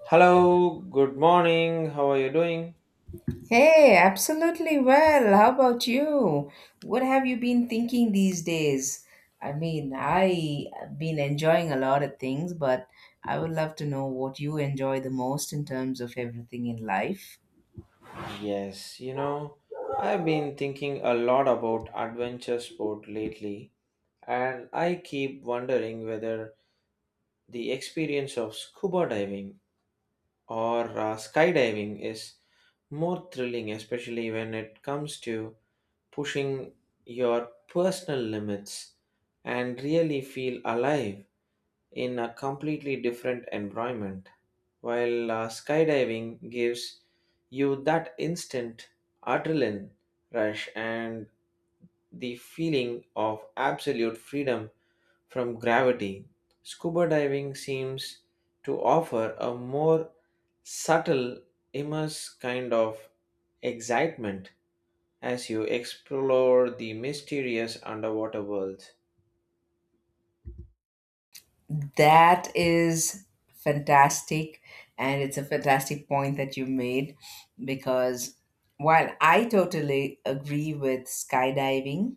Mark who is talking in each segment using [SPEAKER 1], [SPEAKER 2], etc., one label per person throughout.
[SPEAKER 1] Hello, good morning. How are you doing?
[SPEAKER 2] Hey, absolutely well. How about you? What have you been thinking these days? I've been enjoying a lot of things, but I would love to know what you enjoy the most in terms of everything in life.
[SPEAKER 1] Yes, you know, I've been thinking a lot about adventure sport lately, and I keep wondering whether the experience of scuba diving or skydiving is more thrilling, especially when it comes to pushing your personal limits and really feel alive in a completely different environment, while skydiving gives you that instant adrenaline rush and the feeling of absolute freedom from gravity. Scuba diving seems to offer a more subtle, immense kind of excitement as you explore the mysterious underwater world.
[SPEAKER 2] That is fantastic. And it's a fantastic point that you made because while I totally agree with skydiving,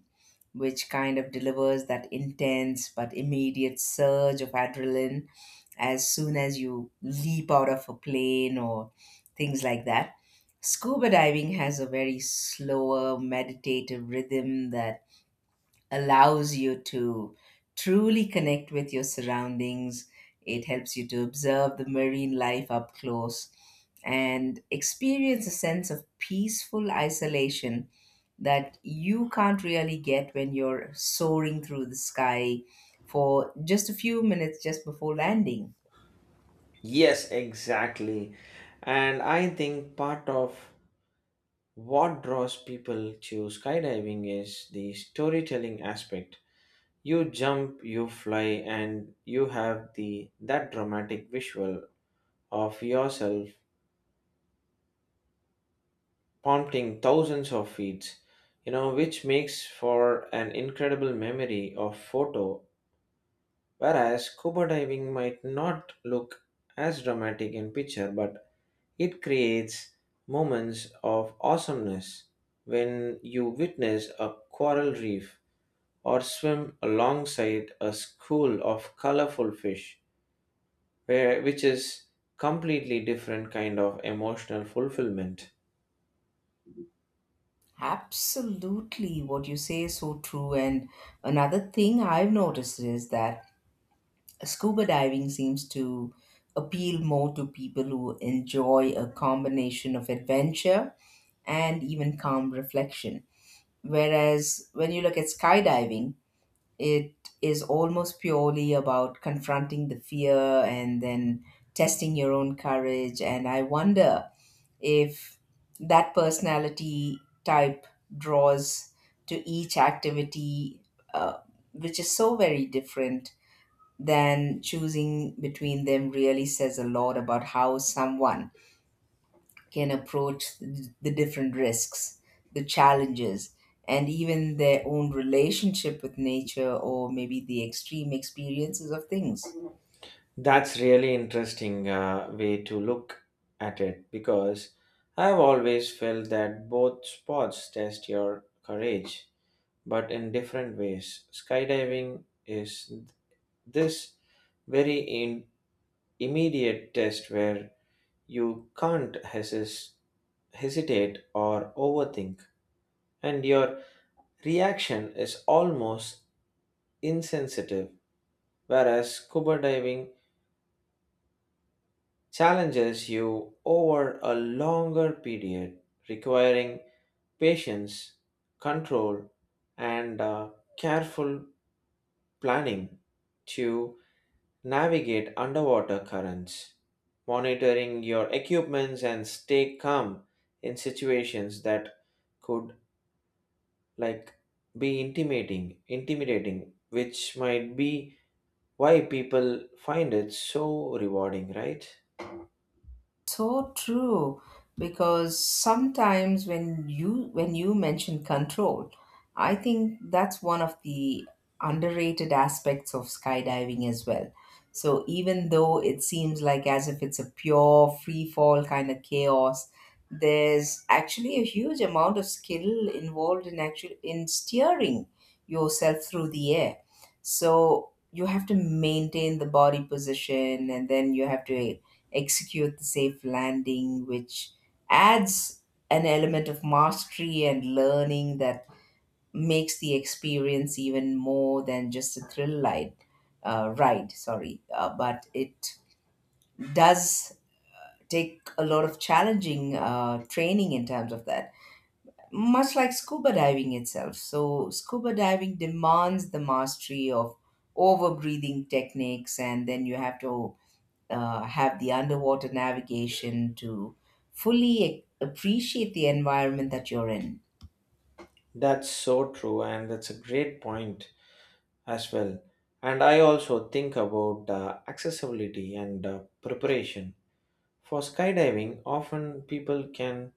[SPEAKER 2] which kind of delivers that intense but immediate surge of adrenaline as soon as you leap out of a plane or things like that. Scuba diving has a very slower, meditative rhythm that allows you to truly connect with your surroundings. It helps you to observe the marine life up close and experience a sense of peaceful isolation that you can't really get when you're soaring through the sky for just a few minutes just before landing.
[SPEAKER 1] Yes, exactly. And I think part of what draws people to skydiving is the storytelling aspect. You jump, you fly, and you have the that dramatic visual of yourself pumping thousands of feet, which makes for an incredible memory of photo. Whereas scuba diving might not look as dramatic in picture, but it creates moments of awesomeness when you witness a coral reef or swim alongside a school of colorful fish, which is completely different kind of emotional fulfillment.
[SPEAKER 2] Absolutely, what you say is so true. And another thing I've noticed is that scuba diving seems to appeal more to people who enjoy a combination of adventure and even calm reflection. Whereas when you look at skydiving, it is almost purely about confronting the fear and then testing your own courage. And I wonder if that personality type draws to each activity, uh, which is so very different then choosing between them really says a lot about how someone can approach the different risks, the challenges, and even their own relationship with nature or maybe the extreme experiences of things.
[SPEAKER 1] That's really interesting way to look at it because I've always felt that both sports test your courage, but in different ways. Skydiving is this very in immediate test where you can't hesitate or overthink, and your reaction is almost insensitive, whereas scuba diving challenges you over a longer period, requiring patience, control, and careful planning to navigate underwater currents, monitoring your equipments and stay calm in situations that could like be intimidating, which might be why people find it so rewarding, right?
[SPEAKER 2] So true, because sometimes when you mention control, I think that's one of the underrated aspects of skydiving as well. So even though it seems like as if it's a pure free fall kind of chaos, there's actually a huge amount of skill involved in actual in steering yourself through the air. So you have to maintain the body position and then you have to execute the safe landing, which adds an element of mastery and learning that makes the experience even more than just a thrill ride. But it does take a lot of challenging training in terms of that much like scuba diving itself. So, scuba diving demands the mastery of over breathing techniques, and then you have to have the underwater navigation to fully appreciate the environment that you're in.
[SPEAKER 1] That's so true, and that's a great point as well. And I also think about accessibility and preparation. For skydiving, often people can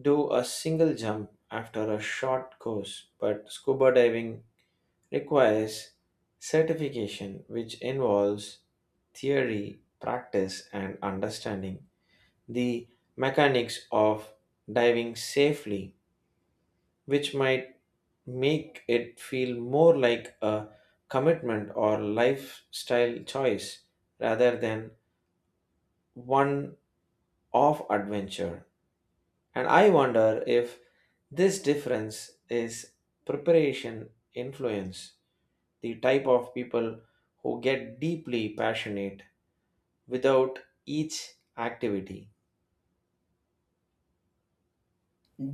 [SPEAKER 1] do a single jump after a short course, but scuba diving requires certification, which involves theory, practice, and understanding the mechanics of diving safely, which might make it feel more like a commitment or lifestyle choice rather than one off adventure. And I wonder if this difference is preparation influence the type of people who get deeply passionate without each activity.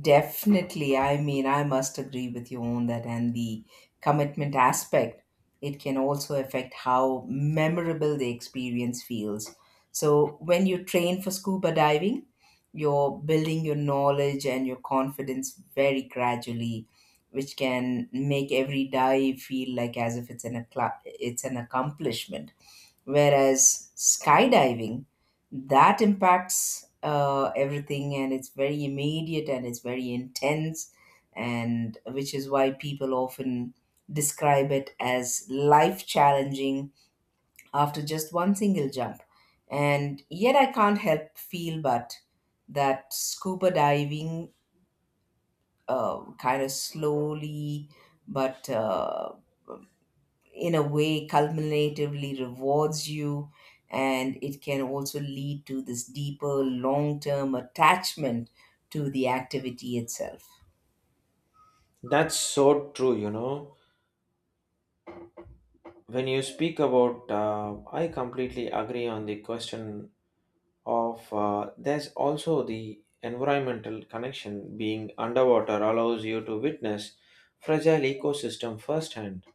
[SPEAKER 2] Definitely. I must agree with you on that. And the commitment aspect, it can also affect how memorable the experience feels. So, when you train for scuba diving, you're building your knowledge and your confidence very gradually, which can make every dive feel like as if it's an accomplishment. Whereas skydiving, that impacts everything, and it's very immediate and it's very intense, and which is why people often describe it as life challenging after just one single jump. And yet, I can't help feel but that scuba diving kind of slowly but in a way culminatively rewards you, and it can also lead to this deeper long-term attachment to the activity itself.
[SPEAKER 1] That's so true, you know. When you speak about, I completely agree on the question of there's also the environmental connection. Being underwater allows you to witness fragile ecosystem firsthand,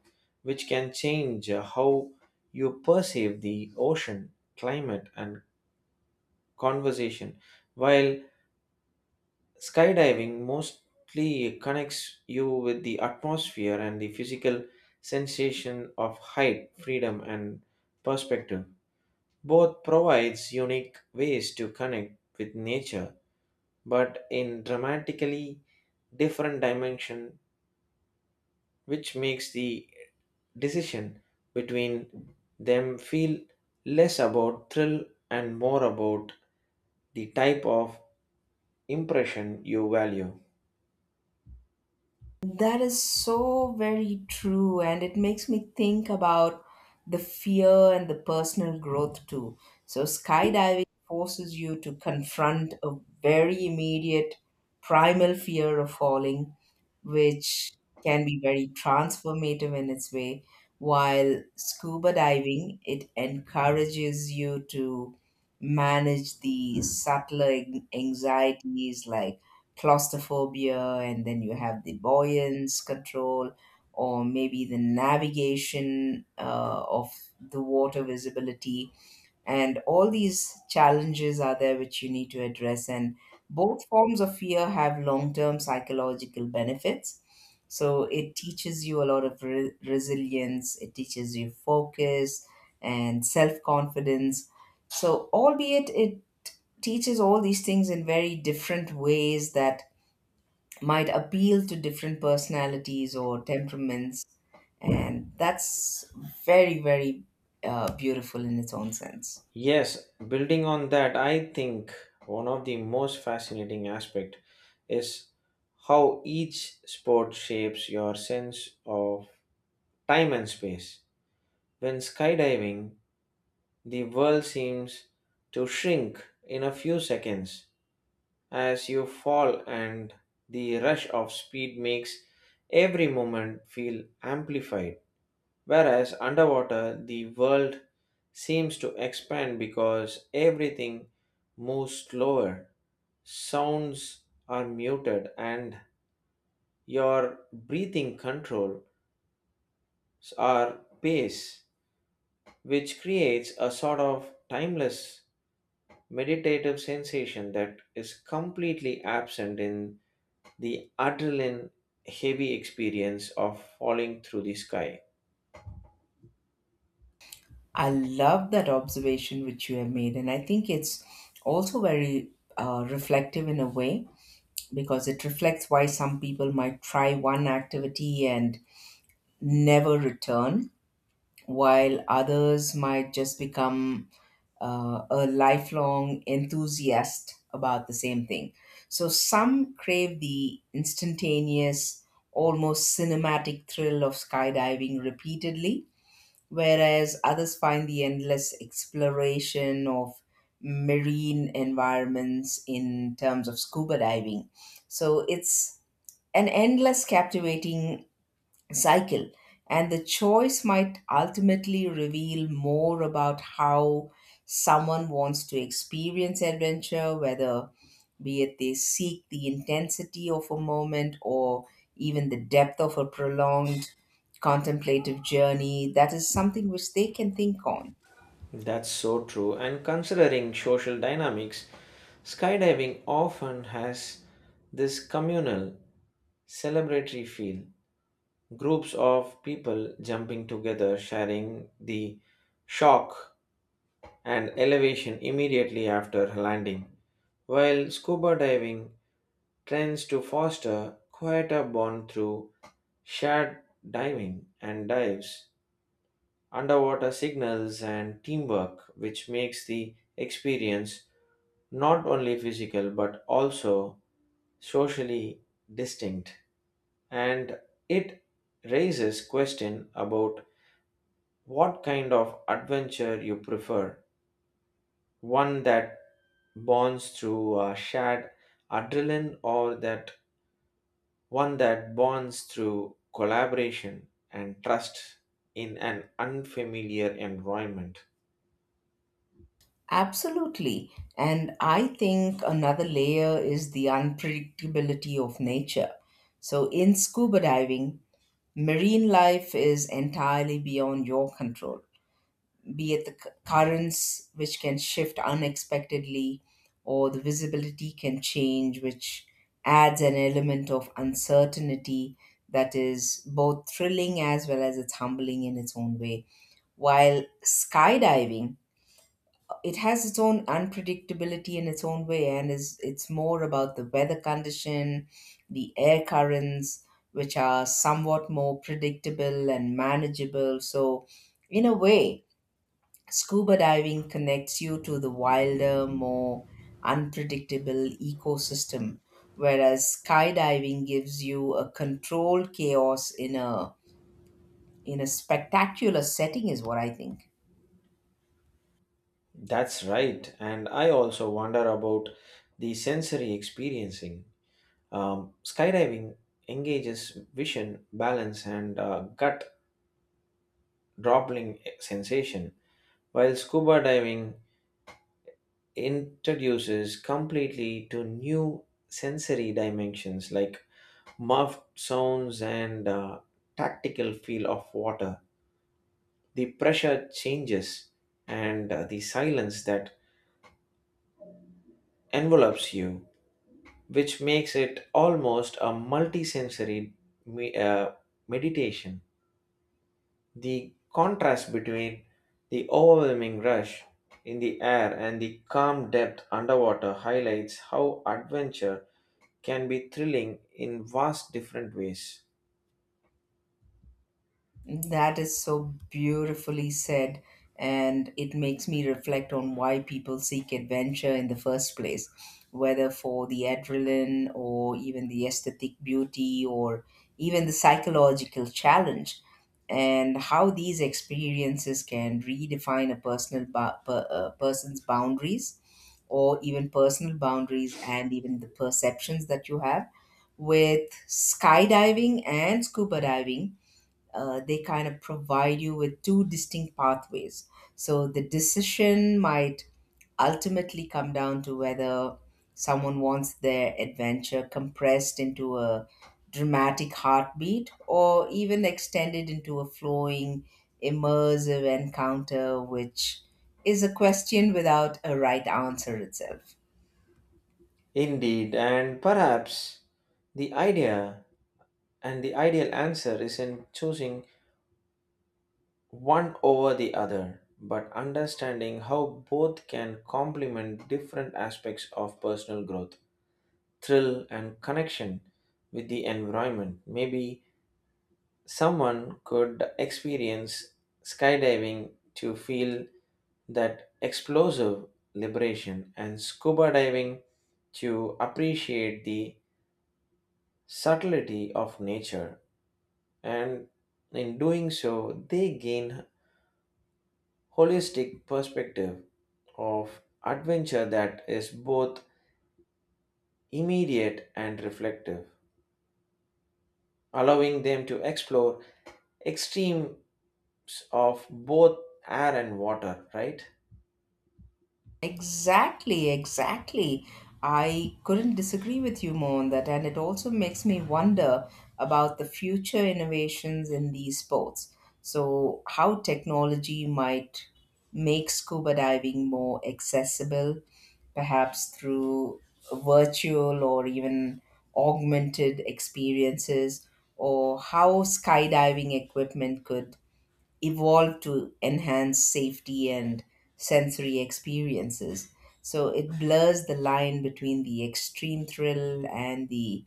[SPEAKER 1] which can change how you perceive the ocean, climate, and conversation. While skydiving mostly connects you with the atmosphere and the physical sensation of height, freedom, and perspective. Both provides unique ways to connect with nature, but in dramatically different dimension, which makes the decision between them feel less about thrill and more about the type of impression you value.
[SPEAKER 2] That is so very true, and it makes me think about the fear and the personal growth too. So skydiving forces you to confront a very immediate primal fear of falling, which can be very transformative in its way. While scuba diving, it encourages you to manage the anxieties like claustrophobia, and then you have the buoyance control, or maybe the navigation of the water visibility, and all these challenges are there which you need to address. And both forms of fear have long-term psychological benefits, so it teaches you a lot of resilience, it teaches you focus and self-confidence. So albeit it teaches all these things in very different ways that might appeal to different personalities or temperaments, and that's very beautiful in its own sense.
[SPEAKER 1] Yes, building on that, I think one of the most fascinating aspect is how each sport shapes your sense of time and space. When skydiving, the world seems to shrink in a few seconds as you fall, and the rush of speed makes every moment feel amplified. Whereas underwater, the world seems to expand because everything moves slower, sounds are muted, and your breathing controls are pace, which creates a sort of timeless meditative sensation that is completely absent in the adrenaline heavy experience of falling through the sky.
[SPEAKER 2] I love that observation which you have made, and I think it's also very reflective in a way, because it reflects why some people might try one activity and never return, while others might just become a lifelong enthusiast about the same thing. So some crave the instantaneous, almost cinematic thrill of skydiving repeatedly, whereas others find the endless exploration of marine environments in terms of scuba diving. So it's an endless, captivating cycle, and the choice might ultimately reveal more about how someone wants to experience adventure, whether be it they seek the intensity of a moment or even the depth of a prolonged contemplative journey. That is something which they can think on.
[SPEAKER 1] That's so true. And considering social dynamics, skydiving often has this communal, celebratory feel. Groups of people jumping together, sharing the shock and elevation immediately after landing. While scuba diving tends to foster quieter bond through shared diving and dives, underwater signals, and teamwork, which makes the experience not only physical but also socially distinct. And it raises question about what kind of adventure you prefer, one that bonds through shared adrenaline or that one that bonds through collaboration and trust in an unfamiliar environment.
[SPEAKER 2] Absolutely. And I think another layer is the unpredictability of nature. So, in scuba diving, marine life is entirely beyond your control, be it the currents, which can shift unexpectedly, or the visibility can change, which adds an element of uncertainty that is both thrilling as well as it's humbling in its own way. While skydiving, it has its own unpredictability in its own way, and is it's more about the weather condition, the air currents, which are somewhat more predictable and manageable. So in a way, scuba diving connects you to the wilder, more unpredictable ecosystem, whereas skydiving gives you a controlled chaos in a spectacular setting, is what I think.
[SPEAKER 1] That's right. And I also wonder about the sensory experiencing. Skydiving engages vision, balance, and gut dropping sensation, while scuba diving introduces completely to new sensory dimensions like muffled sounds and tactical feel of water. The pressure changes and the silence that envelopes you, which makes it almost a multisensory me- uh, meditation. The contrast between the overwhelming rush in the air and the calm depth underwater highlights how adventure can be thrilling in vast different ways.
[SPEAKER 2] That is so beautifully said, and it makes me reflect on why people seek adventure in the first place, whether for the adrenaline or even the aesthetic beauty or even the psychological challenge, and how these experiences can redefine a person's boundaries or even personal boundaries and even the perceptions that you have. With skydiving and scuba diving, they kind of provide you with two distinct pathways. So the decision might ultimately come down to whether someone wants their adventure compressed into a dramatic heartbeat or even extended into a flowing, immersive encounter, which is a question without a right answer itself.
[SPEAKER 1] Indeed, and perhaps the idea the ideal answer is in choosing one over the other, but understanding how both can complement different aspects of personal growth, thrill, and connection with the environment. Maybe someone could experience skydiving to feel that explosive liberation, and scuba diving to appreciate the subtlety of nature. And in doing so, they gain holistic perspective of adventure that is both immediate and reflective, allowing them to explore extremes of both air and water, right?
[SPEAKER 2] Exactly. I couldn't disagree with you more on that. And it also makes me wonder about the future innovations in these sports. So, how technology might make scuba diving more accessible, perhaps through virtual or even augmented experiences, or how skydiving equipment could evolved to enhance safety and sensory experiences. So it blurs the line between the extreme thrill and the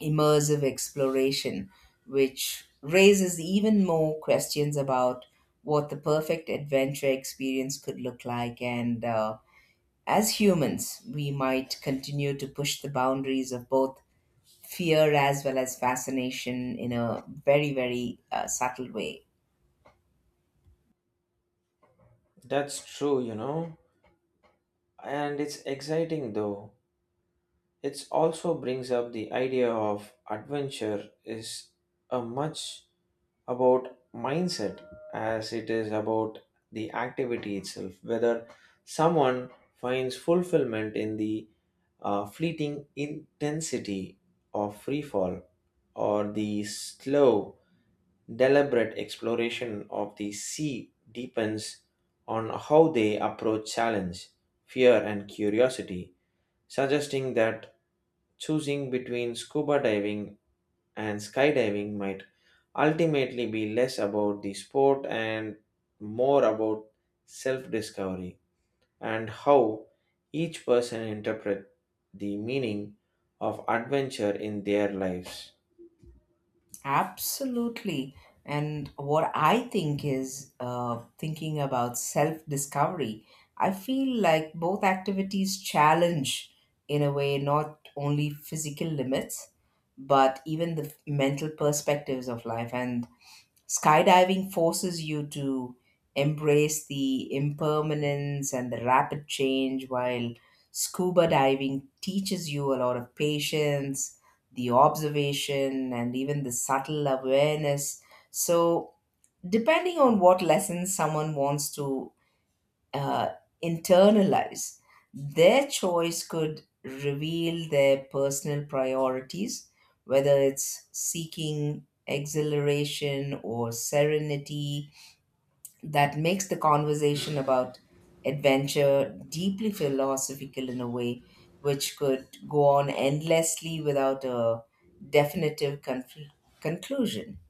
[SPEAKER 2] immersive exploration, which raises even more questions about what the perfect adventure experience could look like. And As humans, we might continue to push the boundaries of both fear as well as fascination in a very subtle way.
[SPEAKER 1] That's true, you know, and it's exciting though. It also brings up the idea of adventure is a much about mindset as it is about the activity itself, whether someone finds fulfillment in the fleeting intensity of free fall or the slow, deliberate exploration of the sea depends on how they approach challenge, fear, and curiosity, suggesting that choosing between scuba diving and skydiving might ultimately be less about the sport and more about self discovery and how each person interpret the meaning of adventure in their lives.
[SPEAKER 2] Absolutely. And what I think is thinking about self discovery, I feel like both activities challenge, in a way, not only physical limits, but even the mental perspectives of life. And skydiving forces you to embrace the impermanence and the rapid change, while scuba diving teaches you a lot of patience, the observation, and even the subtle awareness. So, depending on what lessons someone wants to uh, internalize. Their choice could reveal their personal priorities, whether it's seeking exhilaration or serenity. That makes the conversation about adventure deeply philosophical in a way, which could go on endlessly without a definitive conclusion.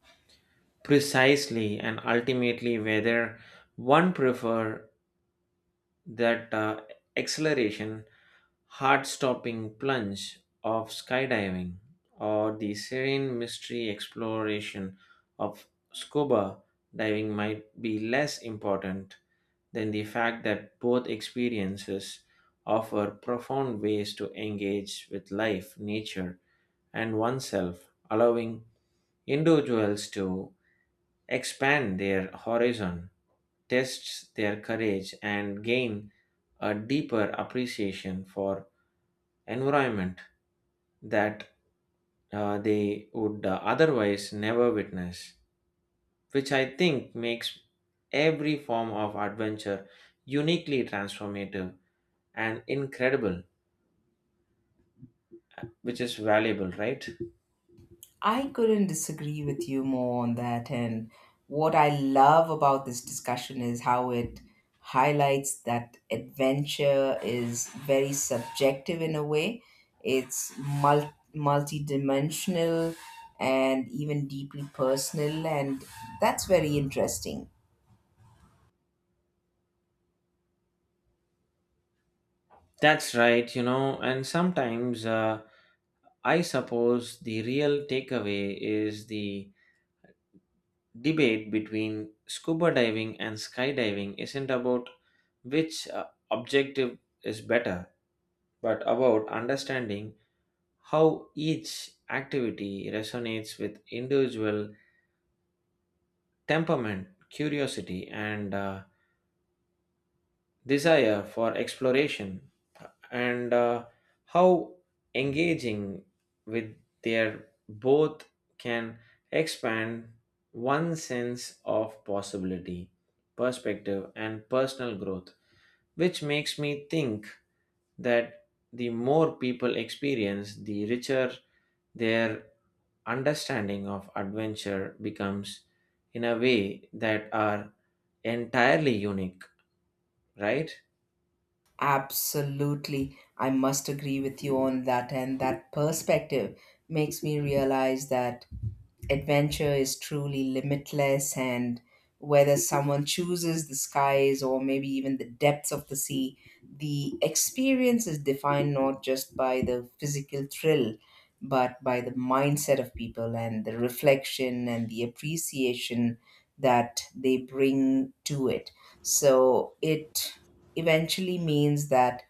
[SPEAKER 1] Precisely, and ultimately whether one prefer that acceleration heart-stopping plunge of skydiving or the serene mystery exploration of scuba diving might be less important than the fact that both experiences offer profound ways to engage with life, nature, and oneself, allowing individuals to expand their horizon, test their courage, and gain a deeper appreciation for environment that they would otherwise never witness, which I think makes every form of adventure uniquely transformative and incredible, which is valuable, right?
[SPEAKER 2] I couldn't disagree with you more on that. And what I love about this discussion is how it highlights that adventure is very subjective in a way. It's multidimensional and even deeply personal. And that's very interesting.
[SPEAKER 1] That's right, you know, and sometimes I suppose the real takeaway is the debate between scuba diving and skydiving isn't about which objective is better, but about understanding how each activity resonates with individual temperament, curiosity, and desire for exploration, and how engaging with their both can expand one's sense of possibility, perspective, and personal growth, which makes me think that the more people experience, the richer their understanding of adventure becomes in a way that are entirely unique, right?
[SPEAKER 2] Absolutely. I must agree with you on that. And that perspective makes me realize that adventure is truly limitless, and whether someone chooses the skies or maybe even the depths of the sea, the experience is defined not just by the physical thrill but by the mindset of people and the reflection and the appreciation that they bring to it. So it eventually means that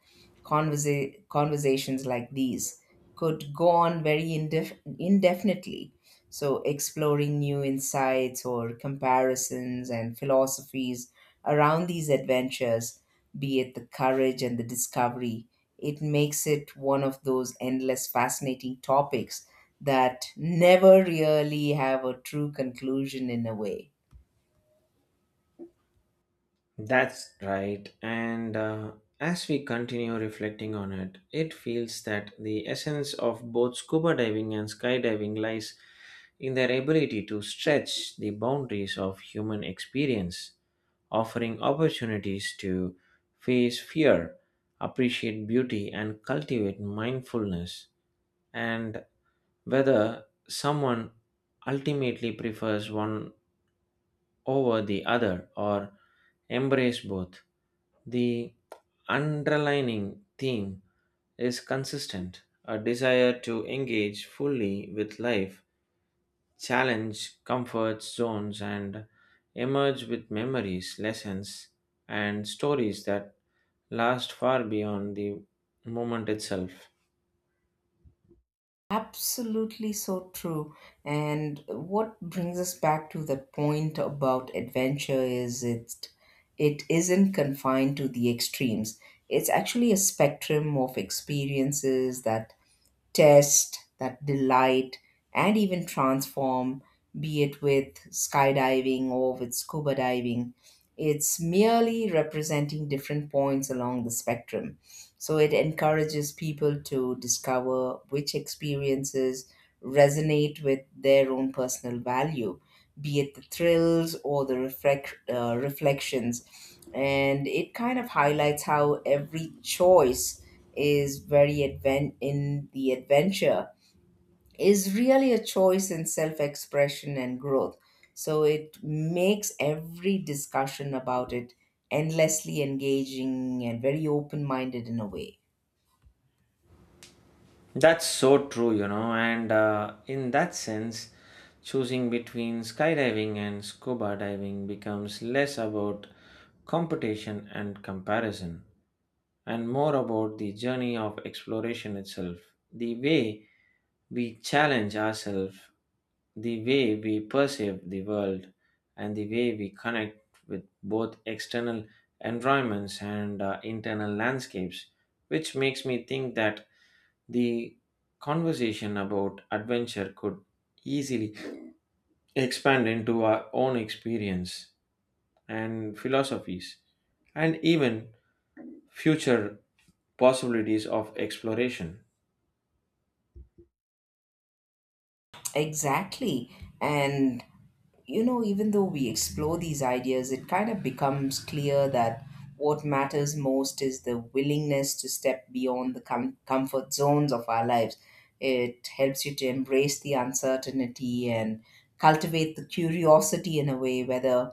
[SPEAKER 2] conversations like these could go on very indefinitely. So, exploring new insights or comparisons and philosophies around these adventures, be it the courage and the discovery, it makes it one of those endless fascinating topics that never really have a true conclusion in a way.
[SPEAKER 1] That's right, and as we continue reflecting on it, it feels that the essence of both scuba diving and skydiving lies in their ability to stretch the boundaries of human experience, offering opportunities to face fear, appreciate beauty, and cultivate mindfulness. And whether someone ultimately prefers one over the other or embrace both, the underlying theme is consistent: a desire to engage fully with life, challenge comfort zones, and emerge with memories, lessons, and stories that last far beyond the moment itself.
[SPEAKER 2] Absolutely so true. And what brings us back to that point about adventure is it isn't confined to the extremes. It's actually a spectrum of experiences that test, that delight, and even transform, be it with skydiving or with scuba diving. It's merely representing different points along the spectrum. So it encourages people to discover which experiences resonate with their own personal value, be it the thrills or the reflections. And it kind of highlights how every choice is very advent in the adventure is really a choice in self expression and growth. So it makes every discussion about it endlessly engaging and very open minded in a way.
[SPEAKER 1] That's so true, you know, and in that sense, choosing between skydiving and scuba diving becomes less about competition and comparison and more about the journey of exploration itself, the way we challenge ourselves, the way we perceive the world, and the way we connect with both external environments and internal landscapes, which makes me think that the conversation about adventure could easily expand into our own experience and philosophies, and even future possibilities of exploration.
[SPEAKER 2] Exactly. And, you know, even though we explore these ideas, it kind of becomes clear that what matters most is the willingness to step beyond the comfort zones of our lives. It helps you to embrace the uncertainty and cultivate the curiosity in a way, whether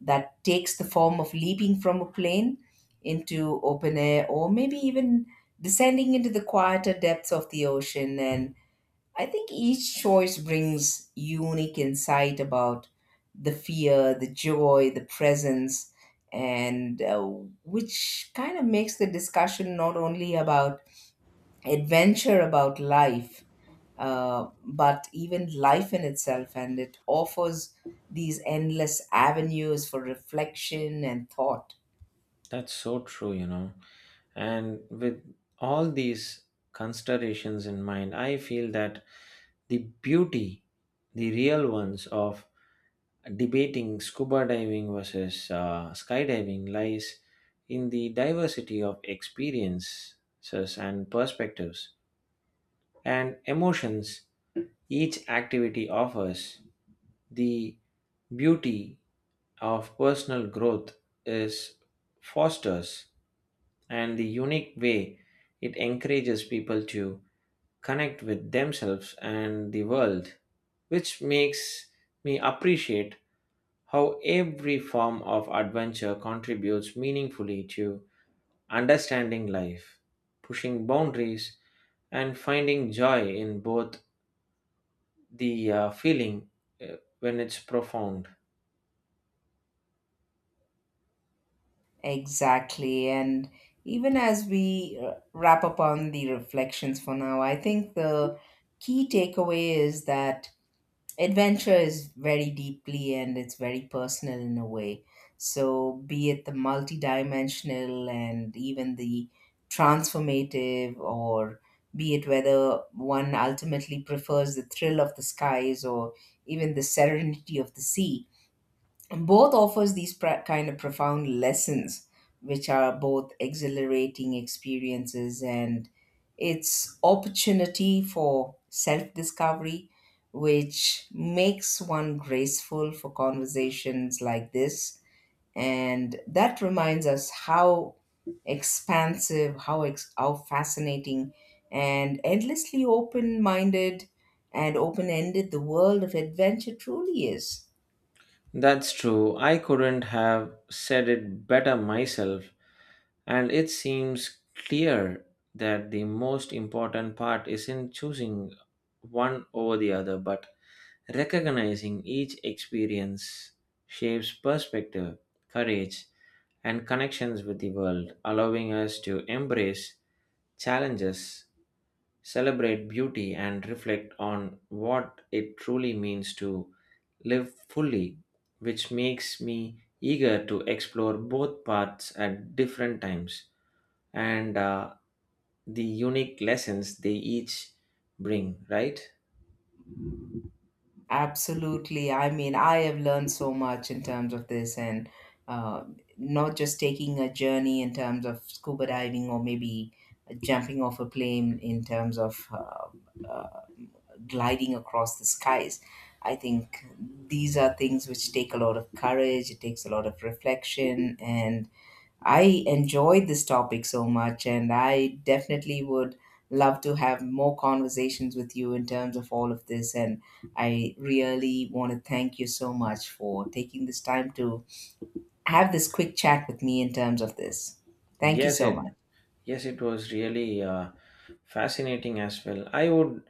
[SPEAKER 2] that takes the form of leaping from a plane into open air or maybe even descending into the quieter depths of the ocean. And I think each choice brings unique insight about the fear, the joy, the presence, and which kind of makes the discussion not only about adventure, about life, but even life in itself. And it offers these endless avenues for reflection and thought.
[SPEAKER 1] That's so true, you know. And with all these considerations in mind, I feel that the beauty, the real ones of debating scuba diving versus skydiving lies in the diversity of experiences and perspectives and emotions each activity offers. The beauty of personal growth is fosters and the unique way it encourages people to connect with themselves and the world, which makes me appreciate how every form of adventure contributes meaningfully to understanding life, pushing boundaries, and finding joy in both the feeling when it's profound.
[SPEAKER 2] Exactly. And even as we wrap up on the reflections for now, I think the key takeaway is that adventure is very deeply and it's very personal in a way. So, be it the multidimensional and even the transformative, or be it whether one ultimately prefers the thrill of the skies or even the serenity of the sea, both offers these kind of profound lessons, which are both exhilarating experiences and it's opportunity for self discovery, which makes one graceful for conversations like this. And that reminds us how expansive, how how fascinating and endlessly open minded and open ended the world of adventure truly is.
[SPEAKER 1] That's true. I couldn't have said it better myself. And it seems clear that the most important part isn't choosing one over the other, but recognizing each experience shapes perspective, courage, and connections with the world, allowing us to embrace challenges, celebrate beauty, and reflect on what it truly means to live fully, which makes me eager to explore both paths at different times and the unique lessons they each bring, right?
[SPEAKER 2] Absolutely. I have learned so much in terms of this, and uh, not just taking a journey in terms of scuba diving or maybe jumping off a plane in terms of uh, gliding across the skies. I think these are things which take a lot of courage, it takes a lot of reflection, and I enjoyed this topic so much, and I definitely would love to have more conversations with you in terms of all of this. And I really want to thank you so much for taking this time to have this quick chat with me in terms of this. Thank you
[SPEAKER 1] Yes,
[SPEAKER 2] so
[SPEAKER 1] it
[SPEAKER 2] much.
[SPEAKER 1] Yes, it was really fascinating as well. I would,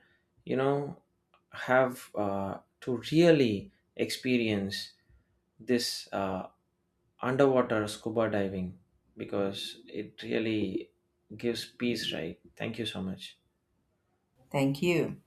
[SPEAKER 1] you know, have to really experience this underwater scuba diving because it really gives peace, right? Thank you so much.
[SPEAKER 2] Thank you.